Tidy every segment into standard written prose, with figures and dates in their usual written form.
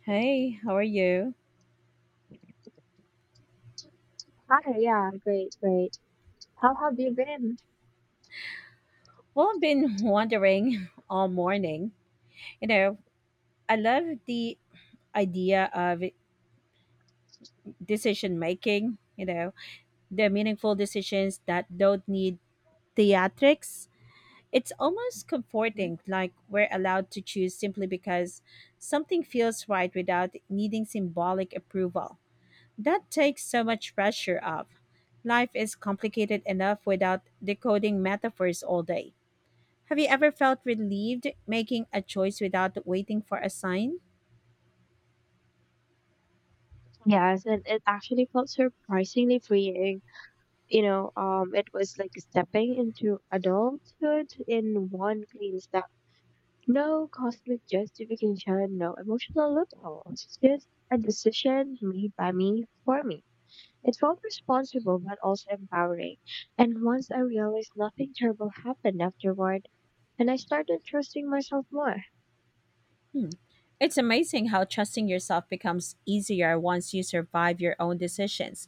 Hey, how are you? Hi, yeah, great, great. How have you been? Well, I've been wondering all morning. You know, I love the idea of decision making, you know, the meaningful decisions that don't need theatrics. It's almost comforting, like we're allowed to choose simply because something feels right without needing symbolic approval. That takes so much pressure off. Life is complicated enough without decoding metaphors all day. Have you ever felt relieved making a choice without waiting for a sign? Yes, and it actually felt surprisingly freeing. It was like stepping into adulthood in one clean step. No cosmic justification, no emotional loopholes, just a decision made by me for me. It felt responsible but also empowering. And once I realized nothing terrible happened afterward, and I started trusting myself more. Hmm. It's amazing how trusting yourself becomes easier once you survive your own decisions.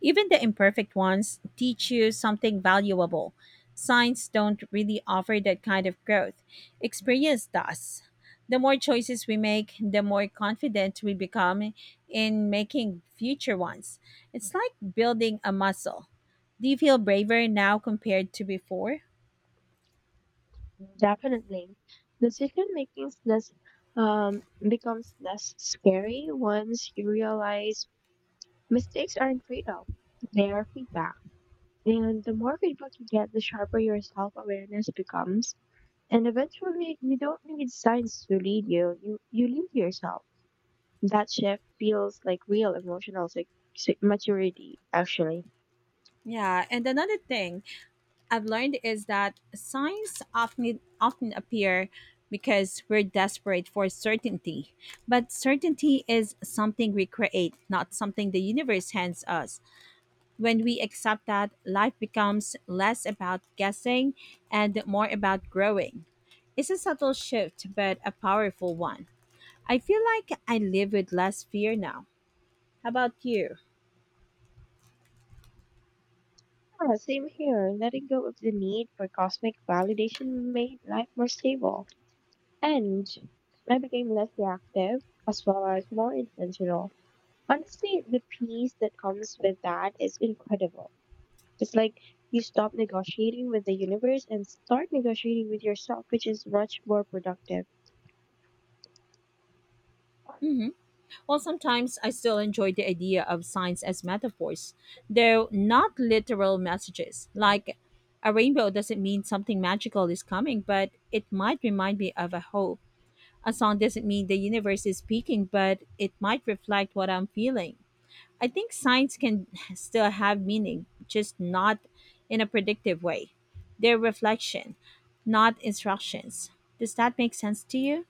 Even the imperfect ones teach you something valuable. Signs don't really offer that kind of growth. Experience does. The more choices we make, the more confident we become in making future ones. It's like building a muscle. Do you feel braver now compared to before? Definitely. Decision making is less um becomes less scary once you realize mistakes aren't trade-off. They are feedback. And the more feedback you get, the sharper your self-awareness becomes. And eventually you don't need signs to lead you. You lead yourself. That shift feels like real emotional maturity, actually. Yeah, and another thing I've learned is that signs often appear because we're desperate for certainty. But certainty is something we create, not something the universe hands us. When we accept that, life becomes less about guessing and more about growing. It's a subtle shift, but a powerful one. I feel like I live with less fear now. How about you? Yeah, same here. Letting go of the need for cosmic validation made life more stable. And I became less reactive as well as more intentional. Honestly, the peace that comes with that is incredible. It's like you stop negotiating with the universe and start negotiating with yourself, which is much more productive. Mm-hmm. While sometimes I still enjoy the idea of signs as metaphors, though not literal messages. Like a rainbow doesn't mean something magical is coming, but it might remind me of a hope. A song doesn't mean the universe is speaking, but it might reflect what I'm feeling. I think signs can still have meaning, just not in a predictive way. They're reflection, not instructions. Does that make sense to you?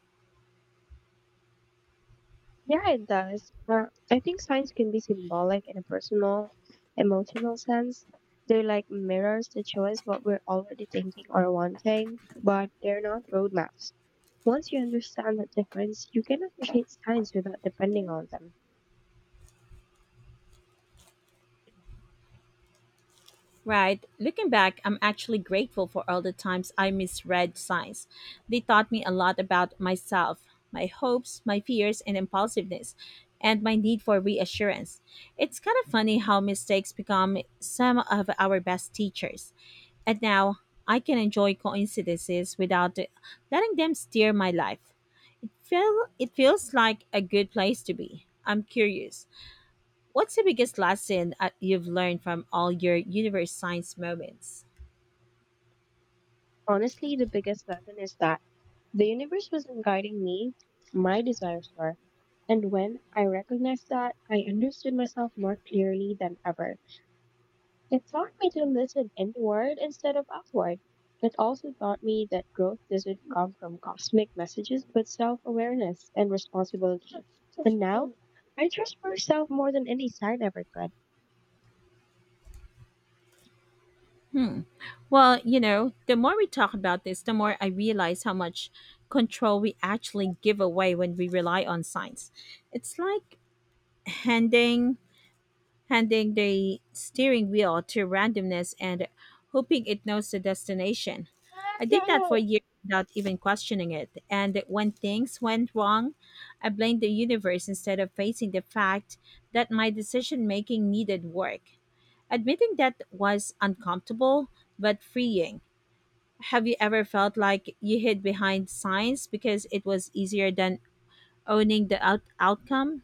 Yeah, it does. I think signs can be symbolic in a personal, emotional sense. They're like mirrors that show us what we're already thinking or wanting, but they're not roadmaps. Once you understand the difference, you can appreciate signs without depending on them. Right. Looking back, I'm actually grateful for all the times I misread signs. They taught me a lot about myself, my hopes, my fears, and impulsiveness, and my need for reassurance. It's kind of funny how mistakes become some of our best teachers. And now I can enjoy coincidences without letting them steer my life. Feel it feels like a good place to be. I'm curious. What's the biggest lesson you've learned from all your universe science moments? Honestly, the biggest lesson is that the universe wasn't guiding me, my desires were. And when I recognized that, I understood myself more clearly than ever. It taught me to listen inward instead of outward. It also taught me that growth doesn't come from cosmic messages, but self awareness and responsibility. And now, I trust myself more than any sign ever could. Well, you know, the more we talk about this, the more I realize how much control we actually give away when we rely on science. It's like handing handing the steering wheel to randomness and hoping it knows the destination. I did that for Oh, years without even questioning it. And when things went wrong, I blamed the universe instead of facing the fact that my decision making needed work. Admitting that was uncomfortable but freeing. Have you ever felt like you hid behind science because it was easier than owning the outcome?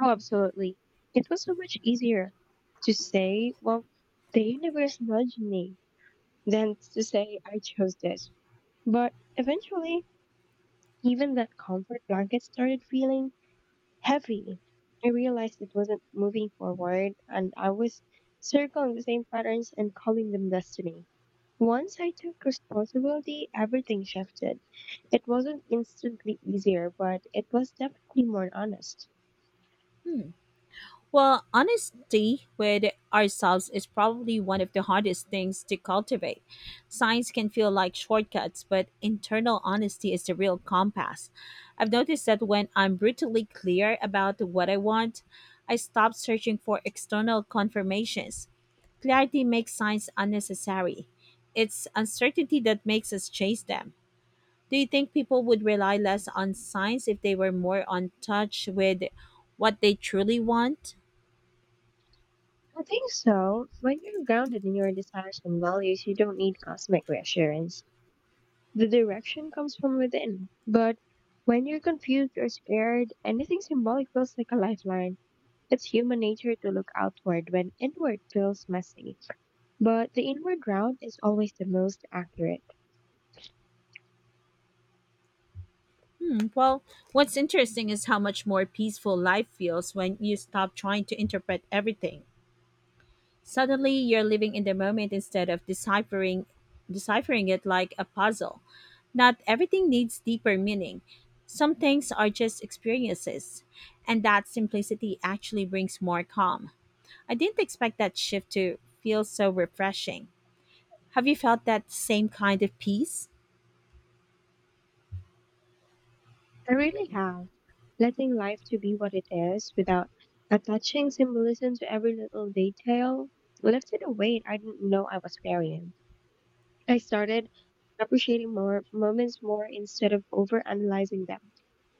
absolutely. It was so much easier to say, well, the universe nudged me than to say I chose this. But eventually, even that comfort blanket started feeling heavy. I realized it wasn't moving forward and I was circling the same patterns and calling them destiny. Once I took responsibility, everything shifted. It wasn't instantly easier, but it was definitely more honest. Hmm. Well, honesty with ourselves is probably one of the hardest things to cultivate. Signs can feel like shortcuts, but internal honesty is the real compass. I've noticed that when I'm brutally clear about what I want, I stop searching for external confirmations. Clarity makes signs unnecessary. It's uncertainty that makes us chase them. Do you think people would rely less on signs if they were more on touch with what they truly want? I think so. When you're grounded in your desires and values, you don't need cosmic reassurance. The direction comes from within. But when you're confused or scared, anything symbolic feels like a lifeline. It's human nature to look outward when inward feels messy, but the inward round is always the most accurate. Hmm, well, what's interesting is how much more peaceful life feels when you stop trying to interpret everything. Suddenly, you're living in the moment instead of deciphering it like a puzzle. Not everything needs deeper meaning. Some things are just experiences, and that simplicity actually brings more calm. I didn't expect that shift to feel so refreshing. Have you felt that same kind of peace? I really have. Letting life to be what it is without attaching symbolism to every little detail lifted a weight I didn't know I was carrying. I started appreciating more moments more instead of overanalyzing them.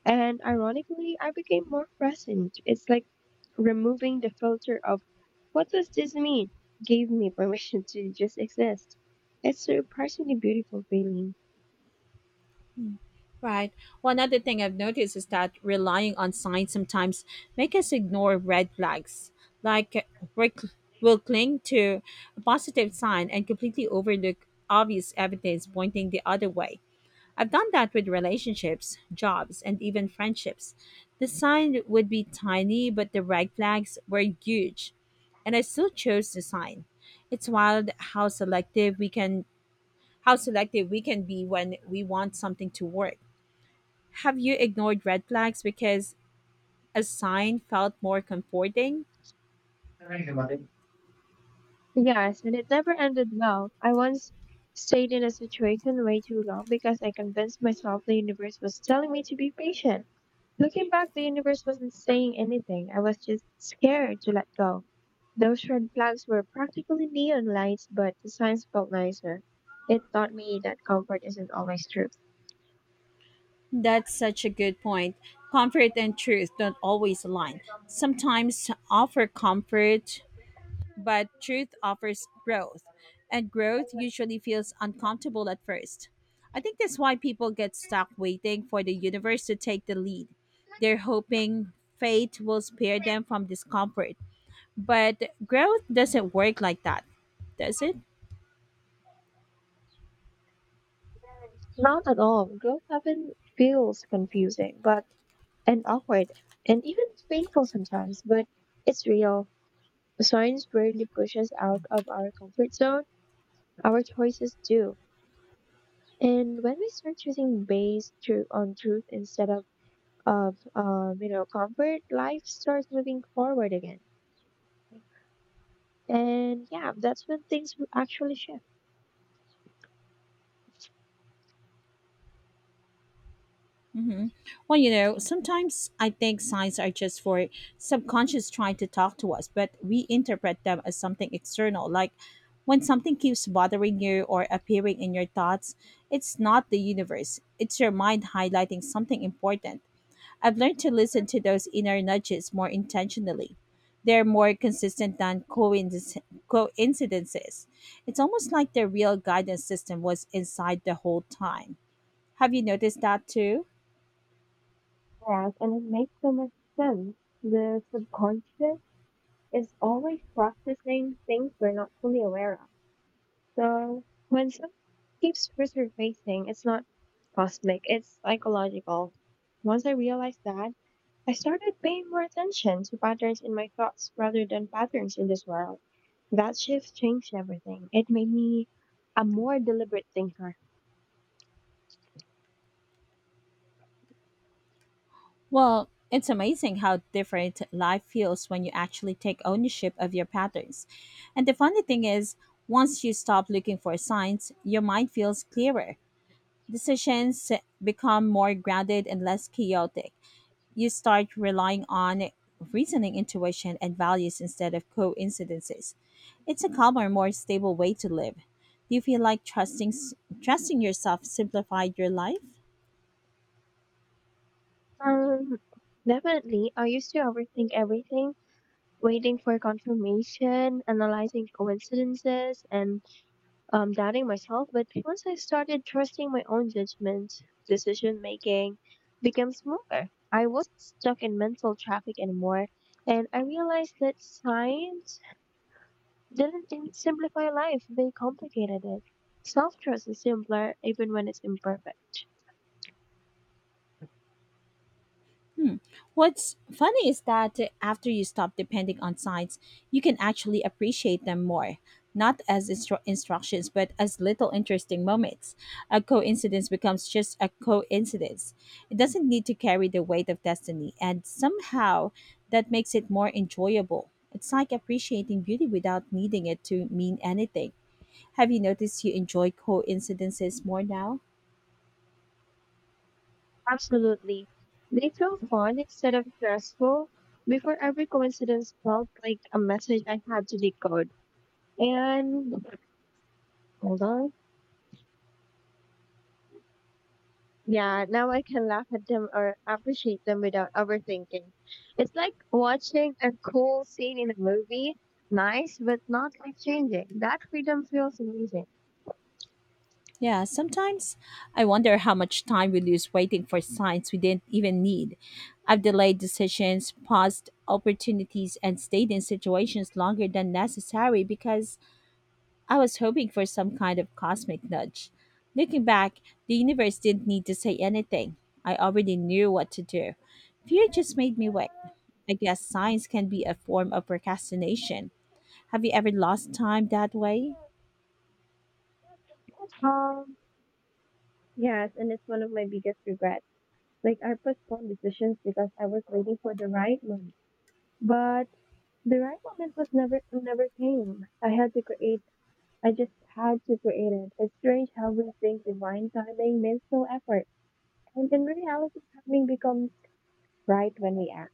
And ironically, I became more present. It's like removing the filter of what does this mean gave me permission to just exist. It's a surprisingly beautiful feeling. Mm. Right. Well, another thing I've noticed is that relying on signs sometimes make us ignore red flags. Like we will cling to a positive sign and completely overlook obvious evidence pointing the other way. I've done that with relationships, jobs, and even friendships. The sign would be tiny, but the red flags were huge, and I still chose the sign. It's wild how selective we can be when we want something to work. Have you ignored red flags because a sign felt more comforting? Yes, and it never ended well. I once stayed in a situation way too long because I convinced myself the universe was telling me to be patient. Looking back, the universe wasn't saying anything. I was just scared to let go. Those red flags were practically neon lights, but the signs felt nicer. It taught me that comfort isn't always truth. That's such a good point. Comfort and truth don't always align. Sometimes offer comfort, but truth offers growth, and growth usually feels uncomfortable at first. I think that's why people get stuck waiting for the universe to take the lead. They're hoping fate will spare them from discomfort. But growth doesn't work like that, does it? Not at all. Growth often feels confusing, but and awkward, and even painful sometimes, but it's real. Science rarely pushes out of our comfort zone. Our choices do. And when we start choosing based through on truth instead of comfort, life starts moving forward again. And yeah, that's when things will actually shift. hmm Well, you know, sometimes I think signs are just for subconscious trying to talk to us, but we interpret them as something external. Like when something keeps bothering you or appearing in your thoughts, it's not the universe, it's your mind highlighting something important. I've learned to listen to those inner nudges more intentionally. They're more consistent than coincidences. It's almost like the real guidance system was inside the whole time. Have you noticed that too? Yes, and it makes so much sense. The subconscious is always processing things we're not fully aware of. So when something keeps resurfacing, it's not cosmic, it's psychological. Once I realized that, I started paying more attention to patterns in my thoughts rather than patterns in this world. That shift changed everything. It made me a more deliberate thinker. Well, it's amazing how different life feels when you actually take ownership of your patterns. And the funny thing is, once you stop looking for signs, your mind feels clearer. Decisions become more grounded and less chaotic. You start relying on reasoning, intuition, and values instead of coincidences. It's a calmer, more stable way to live. Do you feel like trusting yourself simplified your life? Um, Definitely, I used to overthink everything, waiting for confirmation, analyzing coincidences, and doubting myself, but once I started trusting my own judgment, decision making became smoother. I wasn't stuck in mental traffic anymore, and I realized that science didn't simplify life, they complicated it. Self trust is simpler even when it's imperfect. Hmm. What's funny is that after you stop depending on signs, you can actually appreciate them more, not as instructions, but as little interesting moments. A coincidence becomes just a coincidence. It doesn't need to carry the weight of destiny, and somehow that makes it more enjoyable. It's like appreciating beauty without needing it to mean anything. Have you noticed you enjoy coincidences more now? Absolutely. They feel fun instead of stressful. Before every coincidence felt like a message I had to decode. And hold on. Yeah, now I can laugh at them or appreciate them without overthinking. It's like watching a cool scene in a movie, nice but not life changing. That freedom feels amazing. Yeah, sometimes I wonder how much time we lose waiting for signs we didn't even need. I've delayed decisions, paused opportunities, and stayed in situations longer than necessary because I was hoping for some kind of cosmic nudge. Looking back, the universe didn't need to say anything. I already knew what to do. Fear just made me wait. I guess signs can be a form of procrastination. Have you ever lost time that way? Um, yes, and it's one of my biggest regrets. Like I postponed decisions because I was waiting for the right moment. But the right moment was never came. I just had to create it. It's strange how we think divine timing means no effort. And in reality, timing becomes right when we act.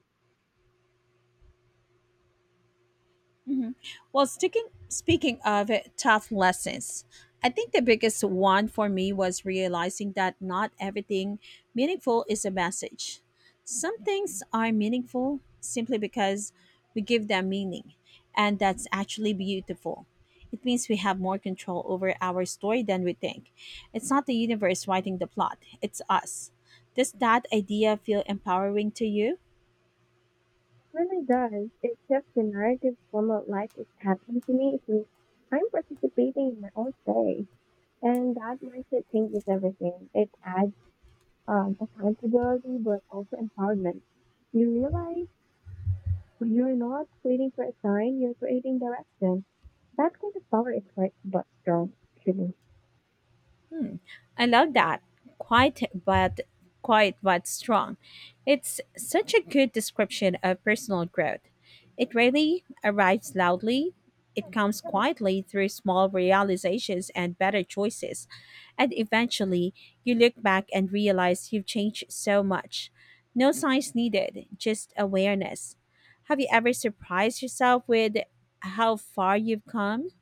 Mhm. Well, sticking, speaking of it, tough lessons, I think the biggest one for me was realizing that not everything meaningful is a message. Some things are meaningful simply because we give them meaning, and that's actually beautiful. It means we have more control over our story than we think. It's not the universe writing the plot, it's us. Does that idea feel empowering to you? What really does is shift the narrative from what life is happening to me to I'm participating in my own story. And that mindset changes everything. It adds accountability, but also empowerment. You realize you're not waiting for a sign, you're creating direction. That kind of power is quite but strong, actually. I love that. Quiet but Quiet but strong. It's such a good description of personal growth. It rarely arrives loudly. It comes quietly through small realizations and better choices. And eventually, you look back and realize you've changed so much. No signs needed, just awareness. Have you ever surprised yourself with how far you've come?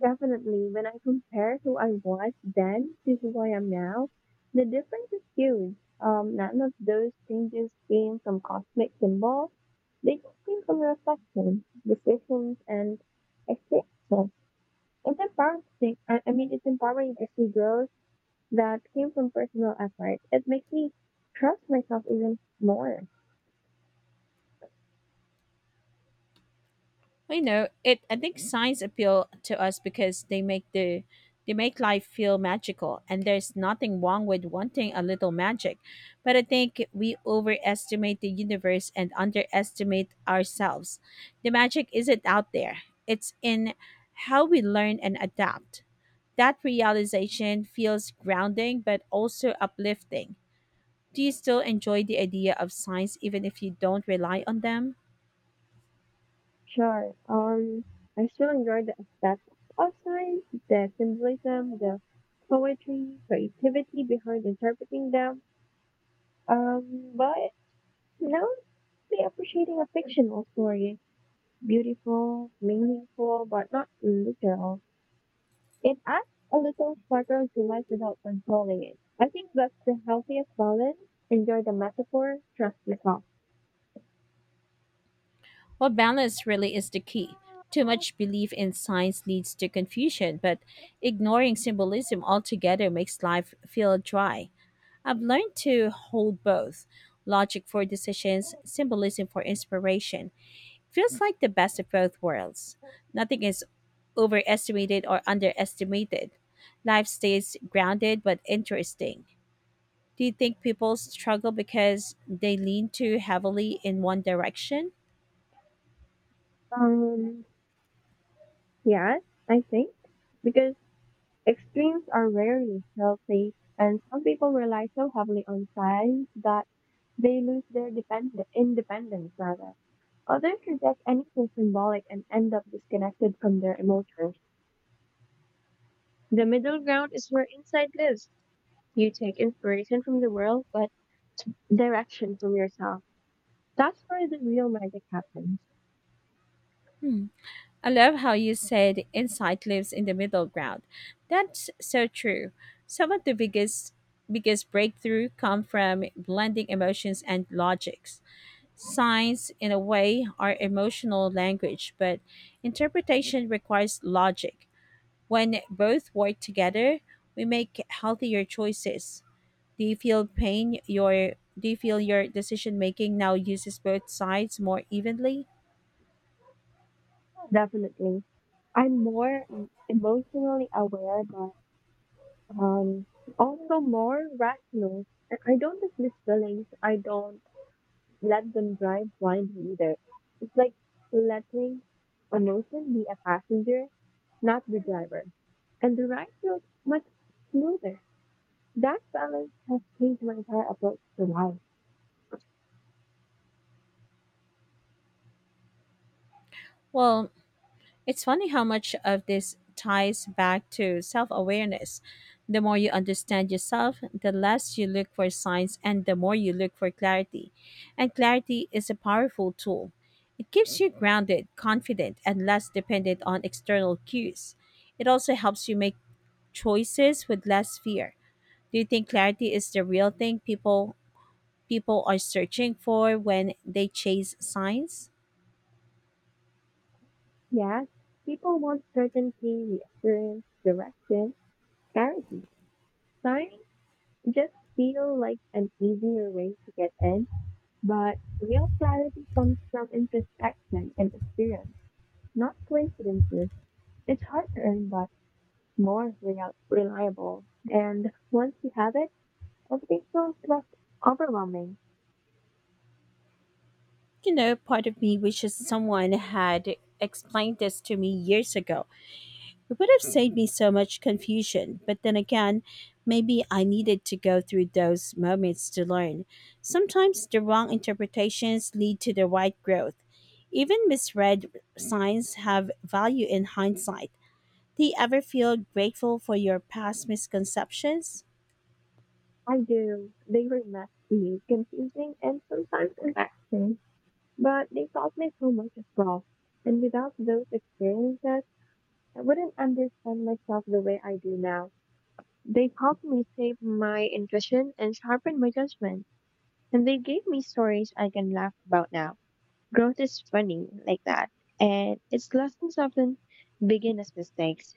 Definitely, when I compare who I was then to who I am now, the difference is huge. None of those changes came from cosmic symbols. They just came from reflection, decisions, and experiences. It's empowering. I mean, it's empowering to see growth that came from personal effort. It makes me trust myself even more. Well, you know, it. I think signs appeal to us because they make life feel magical, and there's nothing wrong with wanting a little magic. But I think we overestimate the universe and underestimate ourselves. The magic isn't out there; it's in how we learn and adapt. That realization feels grounding, but also uplifting. Do you still enjoy the idea of signs, even if you don't rely on them? Sure. I still enjoy the aesthetic of signs, the symbolism, the poetry, creativity behind interpreting them. But now I'm really appreciating a fictional story beautiful, meaningful, but not literal. It adds a little sparkle to life without controlling it. I think that's the healthiest balance. Enjoy the metaphor, trust yourself. Well, balance really is the key. Too much belief in science leads to confusion, but ignoring symbolism altogether makes life feel dry. I've learned to hold both logic for decisions, symbolism for inspiration. Feels like the best of both worlds. Nothing is overestimated or underestimated. Life stays grounded but interesting. Do you think people struggle because they lean too heavily in one direction? Um, yes, I think. Because extremes are rarely healthy, and some people rely so heavily on science that they lose their independence, rather. Others reject anything symbolic and end up disconnected from their emotions. The middle ground is where insight lives. You take inspiration from the world, but direction from yourself. That's where the real magic happens. Hmm. I love how you said insight lives in the middle ground. That's so true. Some of the biggest breakthrough come from blending emotions and logics. Signs in a way are emotional language, but interpretation requires logic. When both work together, we make healthier choices. Do you feel pain your do you feel your decision making now uses both sides more evenly? Definitely. I'm more emotionally aware, but um, also more rational. And I don't dismiss feelings. I don't let them drive blindly either. It's like letting emotion be a passenger, not the driver. And the ride feels much smoother. That balance has changed my entire approach to life. Well, it's funny how much of this ties back to self awareness. The more you understand yourself, the less you look for signs and the more you look for clarity. And clarity is a powerful tool. It keeps you grounded, confident, and less dependent on external cues. It also helps you make choices with less fear. Do you think clarity is the real thing people are searching for when they chase signs? Yes, people want certainty, reassurance, direction, clarity. Signs just feel like an easier way to get in, but real clarity comes from introspection and experience, not coincidences. It's hard to earn, but more reliable. And once you have it, everything feels less overwhelming. You know, part of me wishes someone had explained this to me years ago. It would have saved me so much confusion. But then again, maybe I needed to go through those moments to learn. Sometimes the wrong interpretations lead to the right growth. Even misread signs have value in hindsight. Do you ever feel grateful for your past misconceptions? I do. They were messy, confusing, and sometimes relaxing. But they taught me so much as well. And without those experiences, I wouldn't understand myself the way I do now. They helped me shape my intuition and sharpen my judgment. And they gave me stories I can laugh about now. Growth is funny like that. And its lessons often begin as mistakes.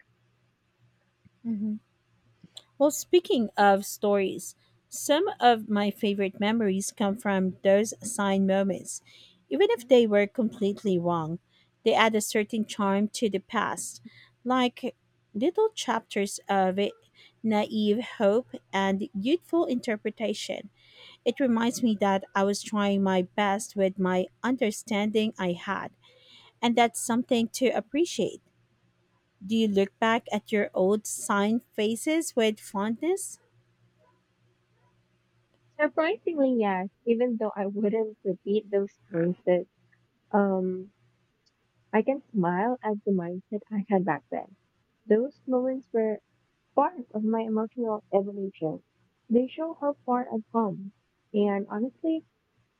Mhm. Well, speaking of stories, some of my favorite memories come from those sign moments. Even if they were completely wrong, they add a certain charm to the past, like little chapters of naive hope and youthful interpretation. It reminds me that I was trying my best with my understanding I had, and that's something to appreciate. Do you look back at your old sign faces with fondness? Surprisingly, yes, even though I wouldn't repeat those choices, um, I can smile at the mindset I had back then. Those moments were part of my emotional evolution. They show how far I've come. And honestly,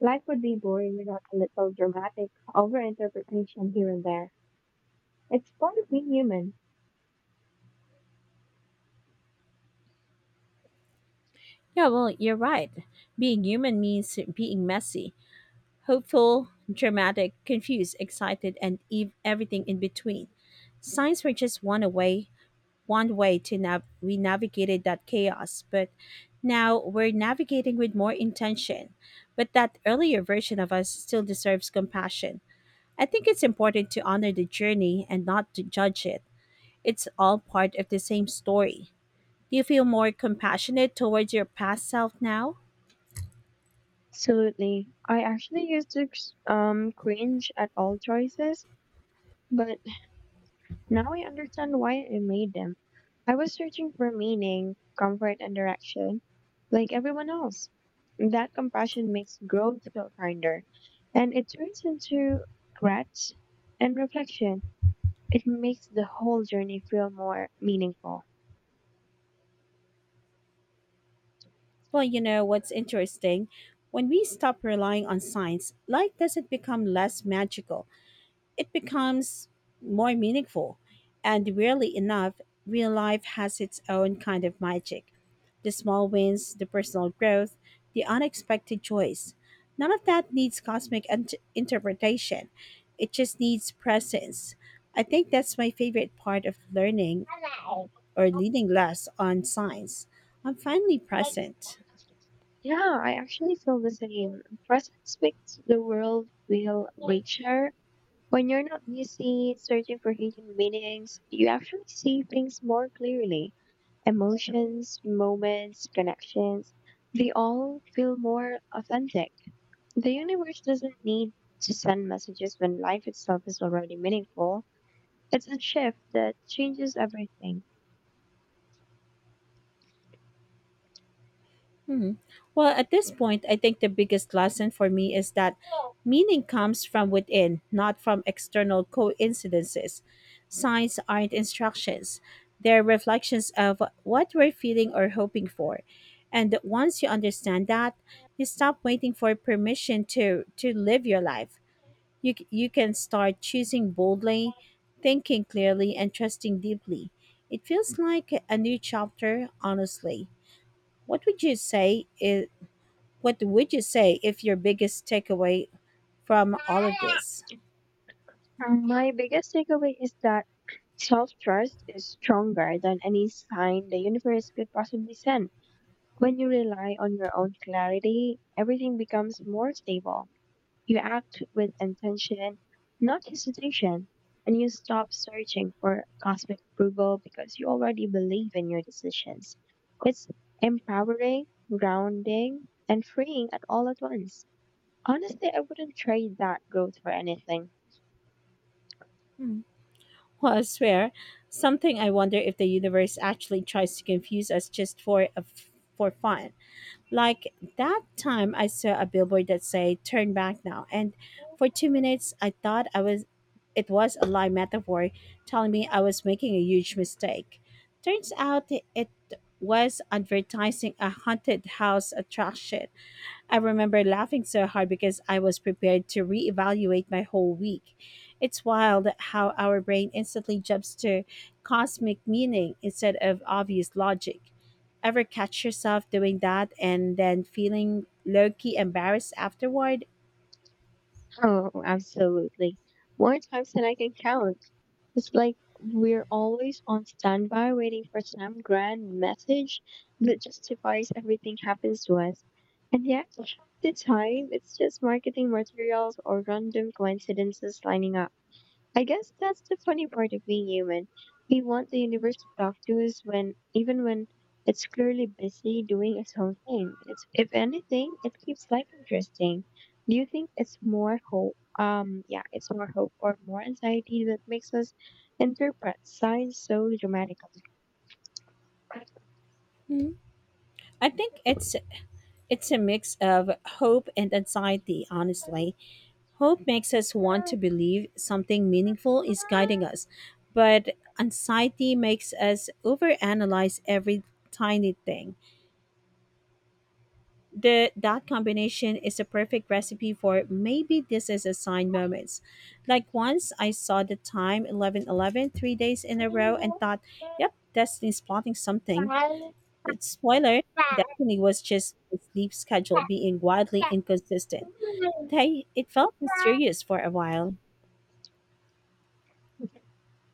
life would be boring without a little dramatic overinterpretation here and there. It's part of being human. Yeah, well, you're right. Being human means being messy, hopeful, dramatic, confused, excited, and everything in between. Signs were just one way, we navigated that chaos, but now we're navigating with more intention. But that earlier version of us still deserves compassion. I think it's important to honor the journey and not to judge it. It's all part of the same story. Do you feel more compassionate towards your past self now? Absolutely. I actually used to cringe at all choices, but now I understand why I made them. I was searching for meaning, comfort, and direction, like everyone else. That compassion makes growth feel kinder, and it turns into regret and reflection. It makes the whole journey feel more meaningful. Well, you know what's interesting? When we stop relying on science, life doesn't become less magical. It becomes more meaningful. And rarely enough, real life has its own kind of magic. The small wins, the personal growth, the unexpected joys. None of that needs interpretation. It just needs presence. I think that's my favorite part of learning or leaning less on science. I'm finally present. Yeah, I actually feel the same. Presence makes the world feel richer. When you're not busy searching for hidden meanings, you actually see things more clearly. Emotions, moments, connections, they all feel more authentic. The universe doesn't need to send messages when life itself is already meaningful. It's a shift that changes everything. Hmm. Well, at this point, I think the biggest lesson for me is that meaning comes from within, not from external coincidences. Signs aren't instructions, they're reflections of what we're feeling or hoping for. And once you understand that, you stop waiting for permission to live your life. You can start choosing boldly, thinking clearly, and trusting deeply. It feels like a new chapter, honestly. What would you say is what would you say if your biggest takeaway from all of this? My biggest takeaway is that self trust is stronger than any sign the universe could possibly send. When you rely on your own clarity, everything becomes more stable. You act with intention, not hesitation, and you stop searching for cosmic approval because you already believe in your decisions. It's empowering, grounding, and freeing at all at once. Honestly, I wouldn't trade that growth for anything. Hmm. Well, I swear, something I wonder if the universe actually tries to confuse us just for a f for fun. Like that time I saw a billboard that said turn back now, and for 2 minutes I thought I was it was a lie metaphor telling me I was making a huge mistake. Turns out it was advertising a haunted house attraction. I remember laughing so hard because I was prepared to reevaluate my whole week. It's wild how our brain instantly jumps to cosmic meaning instead of obvious logic. Ever catch yourself doing that and then feeling low key embarrassed afterward? Oh, absolutely. More times than I can count. It's like we're always on standby waiting for some grand message that justifies everything happens to us. And yet, half the time, it's just marketing materials or random coincidences lining up. I guess that's the funny part of being human. We want the universe to talk to us when, even when it's clearly busy doing its own thing. It's, if anything, it keeps life interesting. Do you think it's more hope? Yeah, it's more hope or more anxiety that makes us interpret signs so dramatically. Hmm. I think it's a mix of hope and anxiety, honestly. Hope makes us want to believe something meaningful is guiding us, but anxiety makes us overanalyze every tiny thing. That combination is a perfect recipe for maybe this is a sign moments. Like once I saw the time 11:11 3 days in a row and thought, yep, Destiny's plotting something. But spoiler, Destiny was just the sleep schedule being wildly inconsistent. They, it felt mysterious for a while.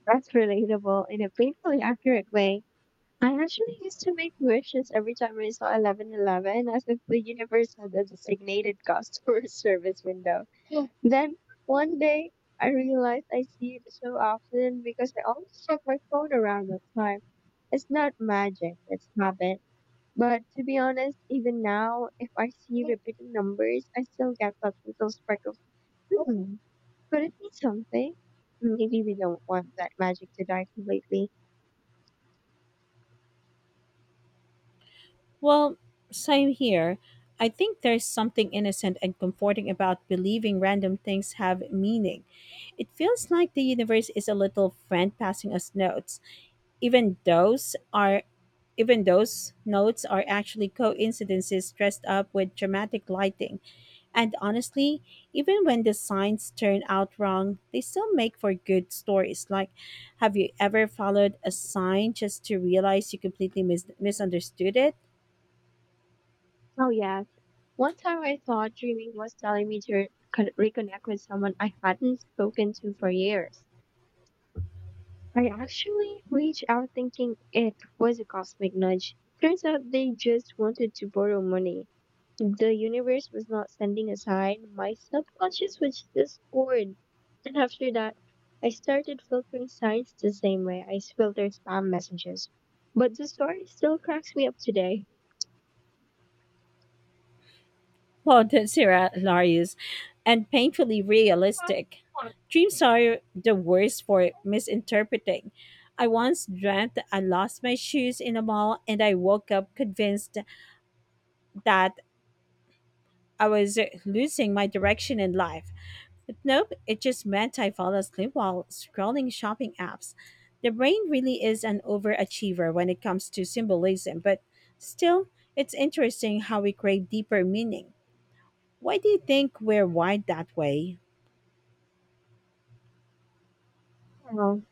That's relatable in a painfully accurate way. I actually used to make wishes every time I saw 11:11 as if the universe had a designated customer service window. Yeah. Then one day I realized I see it so often because I always check my phone around that time. It's not magic, it's habit. But to be honest, even now, if I see repeating numbers, I still get that little spark of, hmm, could it be something? Maybe we don't want that magic to die completely. Well, same here. I think there's something innocent and comforting about believing random things have meaning. It feels like the universe is a little friend passing us notes. Even those are Even those notes are actually coincidences dressed up with dramatic lighting. And honestly, even when the signs turn out wrong, they still make for good stories. Like, have you ever followed a sign just to realize you completely misunderstood it? Oh yeah, one time I thought dreaming was telling me to reconnect with someone I hadn't spoken to for years. I actually reached out thinking it was a cosmic nudge. Turns out they just wanted to borrow money. The universe was not sending a sign, my subconscious was just bored. And after that, I started filtering signs the same way I filtered spam messages. But the story still cracks me up today. Quoted Sarah Larius, and painfully realistic. Dreams are the worst for misinterpreting. I once dreamt that I lost my shoes in a mall and I woke up convinced that I was losing my direction in life. But nope, it just meant I fell asleep while scrolling shopping apps. The brain really is an overachiever when it comes to symbolism, but still, it's interesting how we crave deeper meaning. Why do you think we're wired that way? Oh,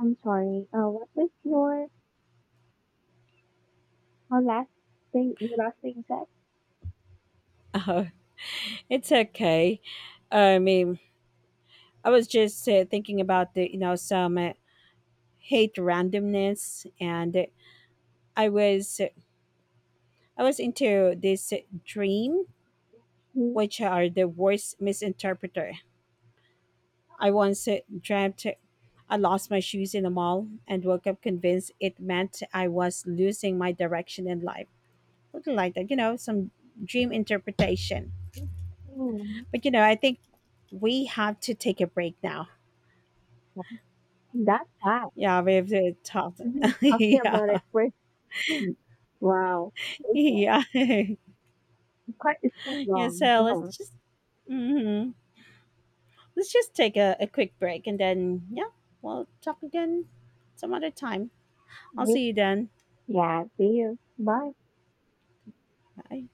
I'm sorry. What was your Our last thing you said. Oh, it's okay. I mean, I was just thinking about the you know some hate randomness, and I was I was into this dream, Hmm, which are the worst misinterpreter. I once dreamt I lost my shoes in a mall and woke up convinced it meant I was losing my direction in life. Something like that, you know, some dream interpretation. hmm, But you know, I think we have to take a break now. that's bad. Yeah, we've talked. We've been talking Yeah, about it for wow. Okay, yeah, quite it's quite yeah. long. So Oh, let's just mhm. let's just take a quick break and then yeah, we'll talk again some other time. I'll great. see you then. Yeah, see you. Bye. Bye.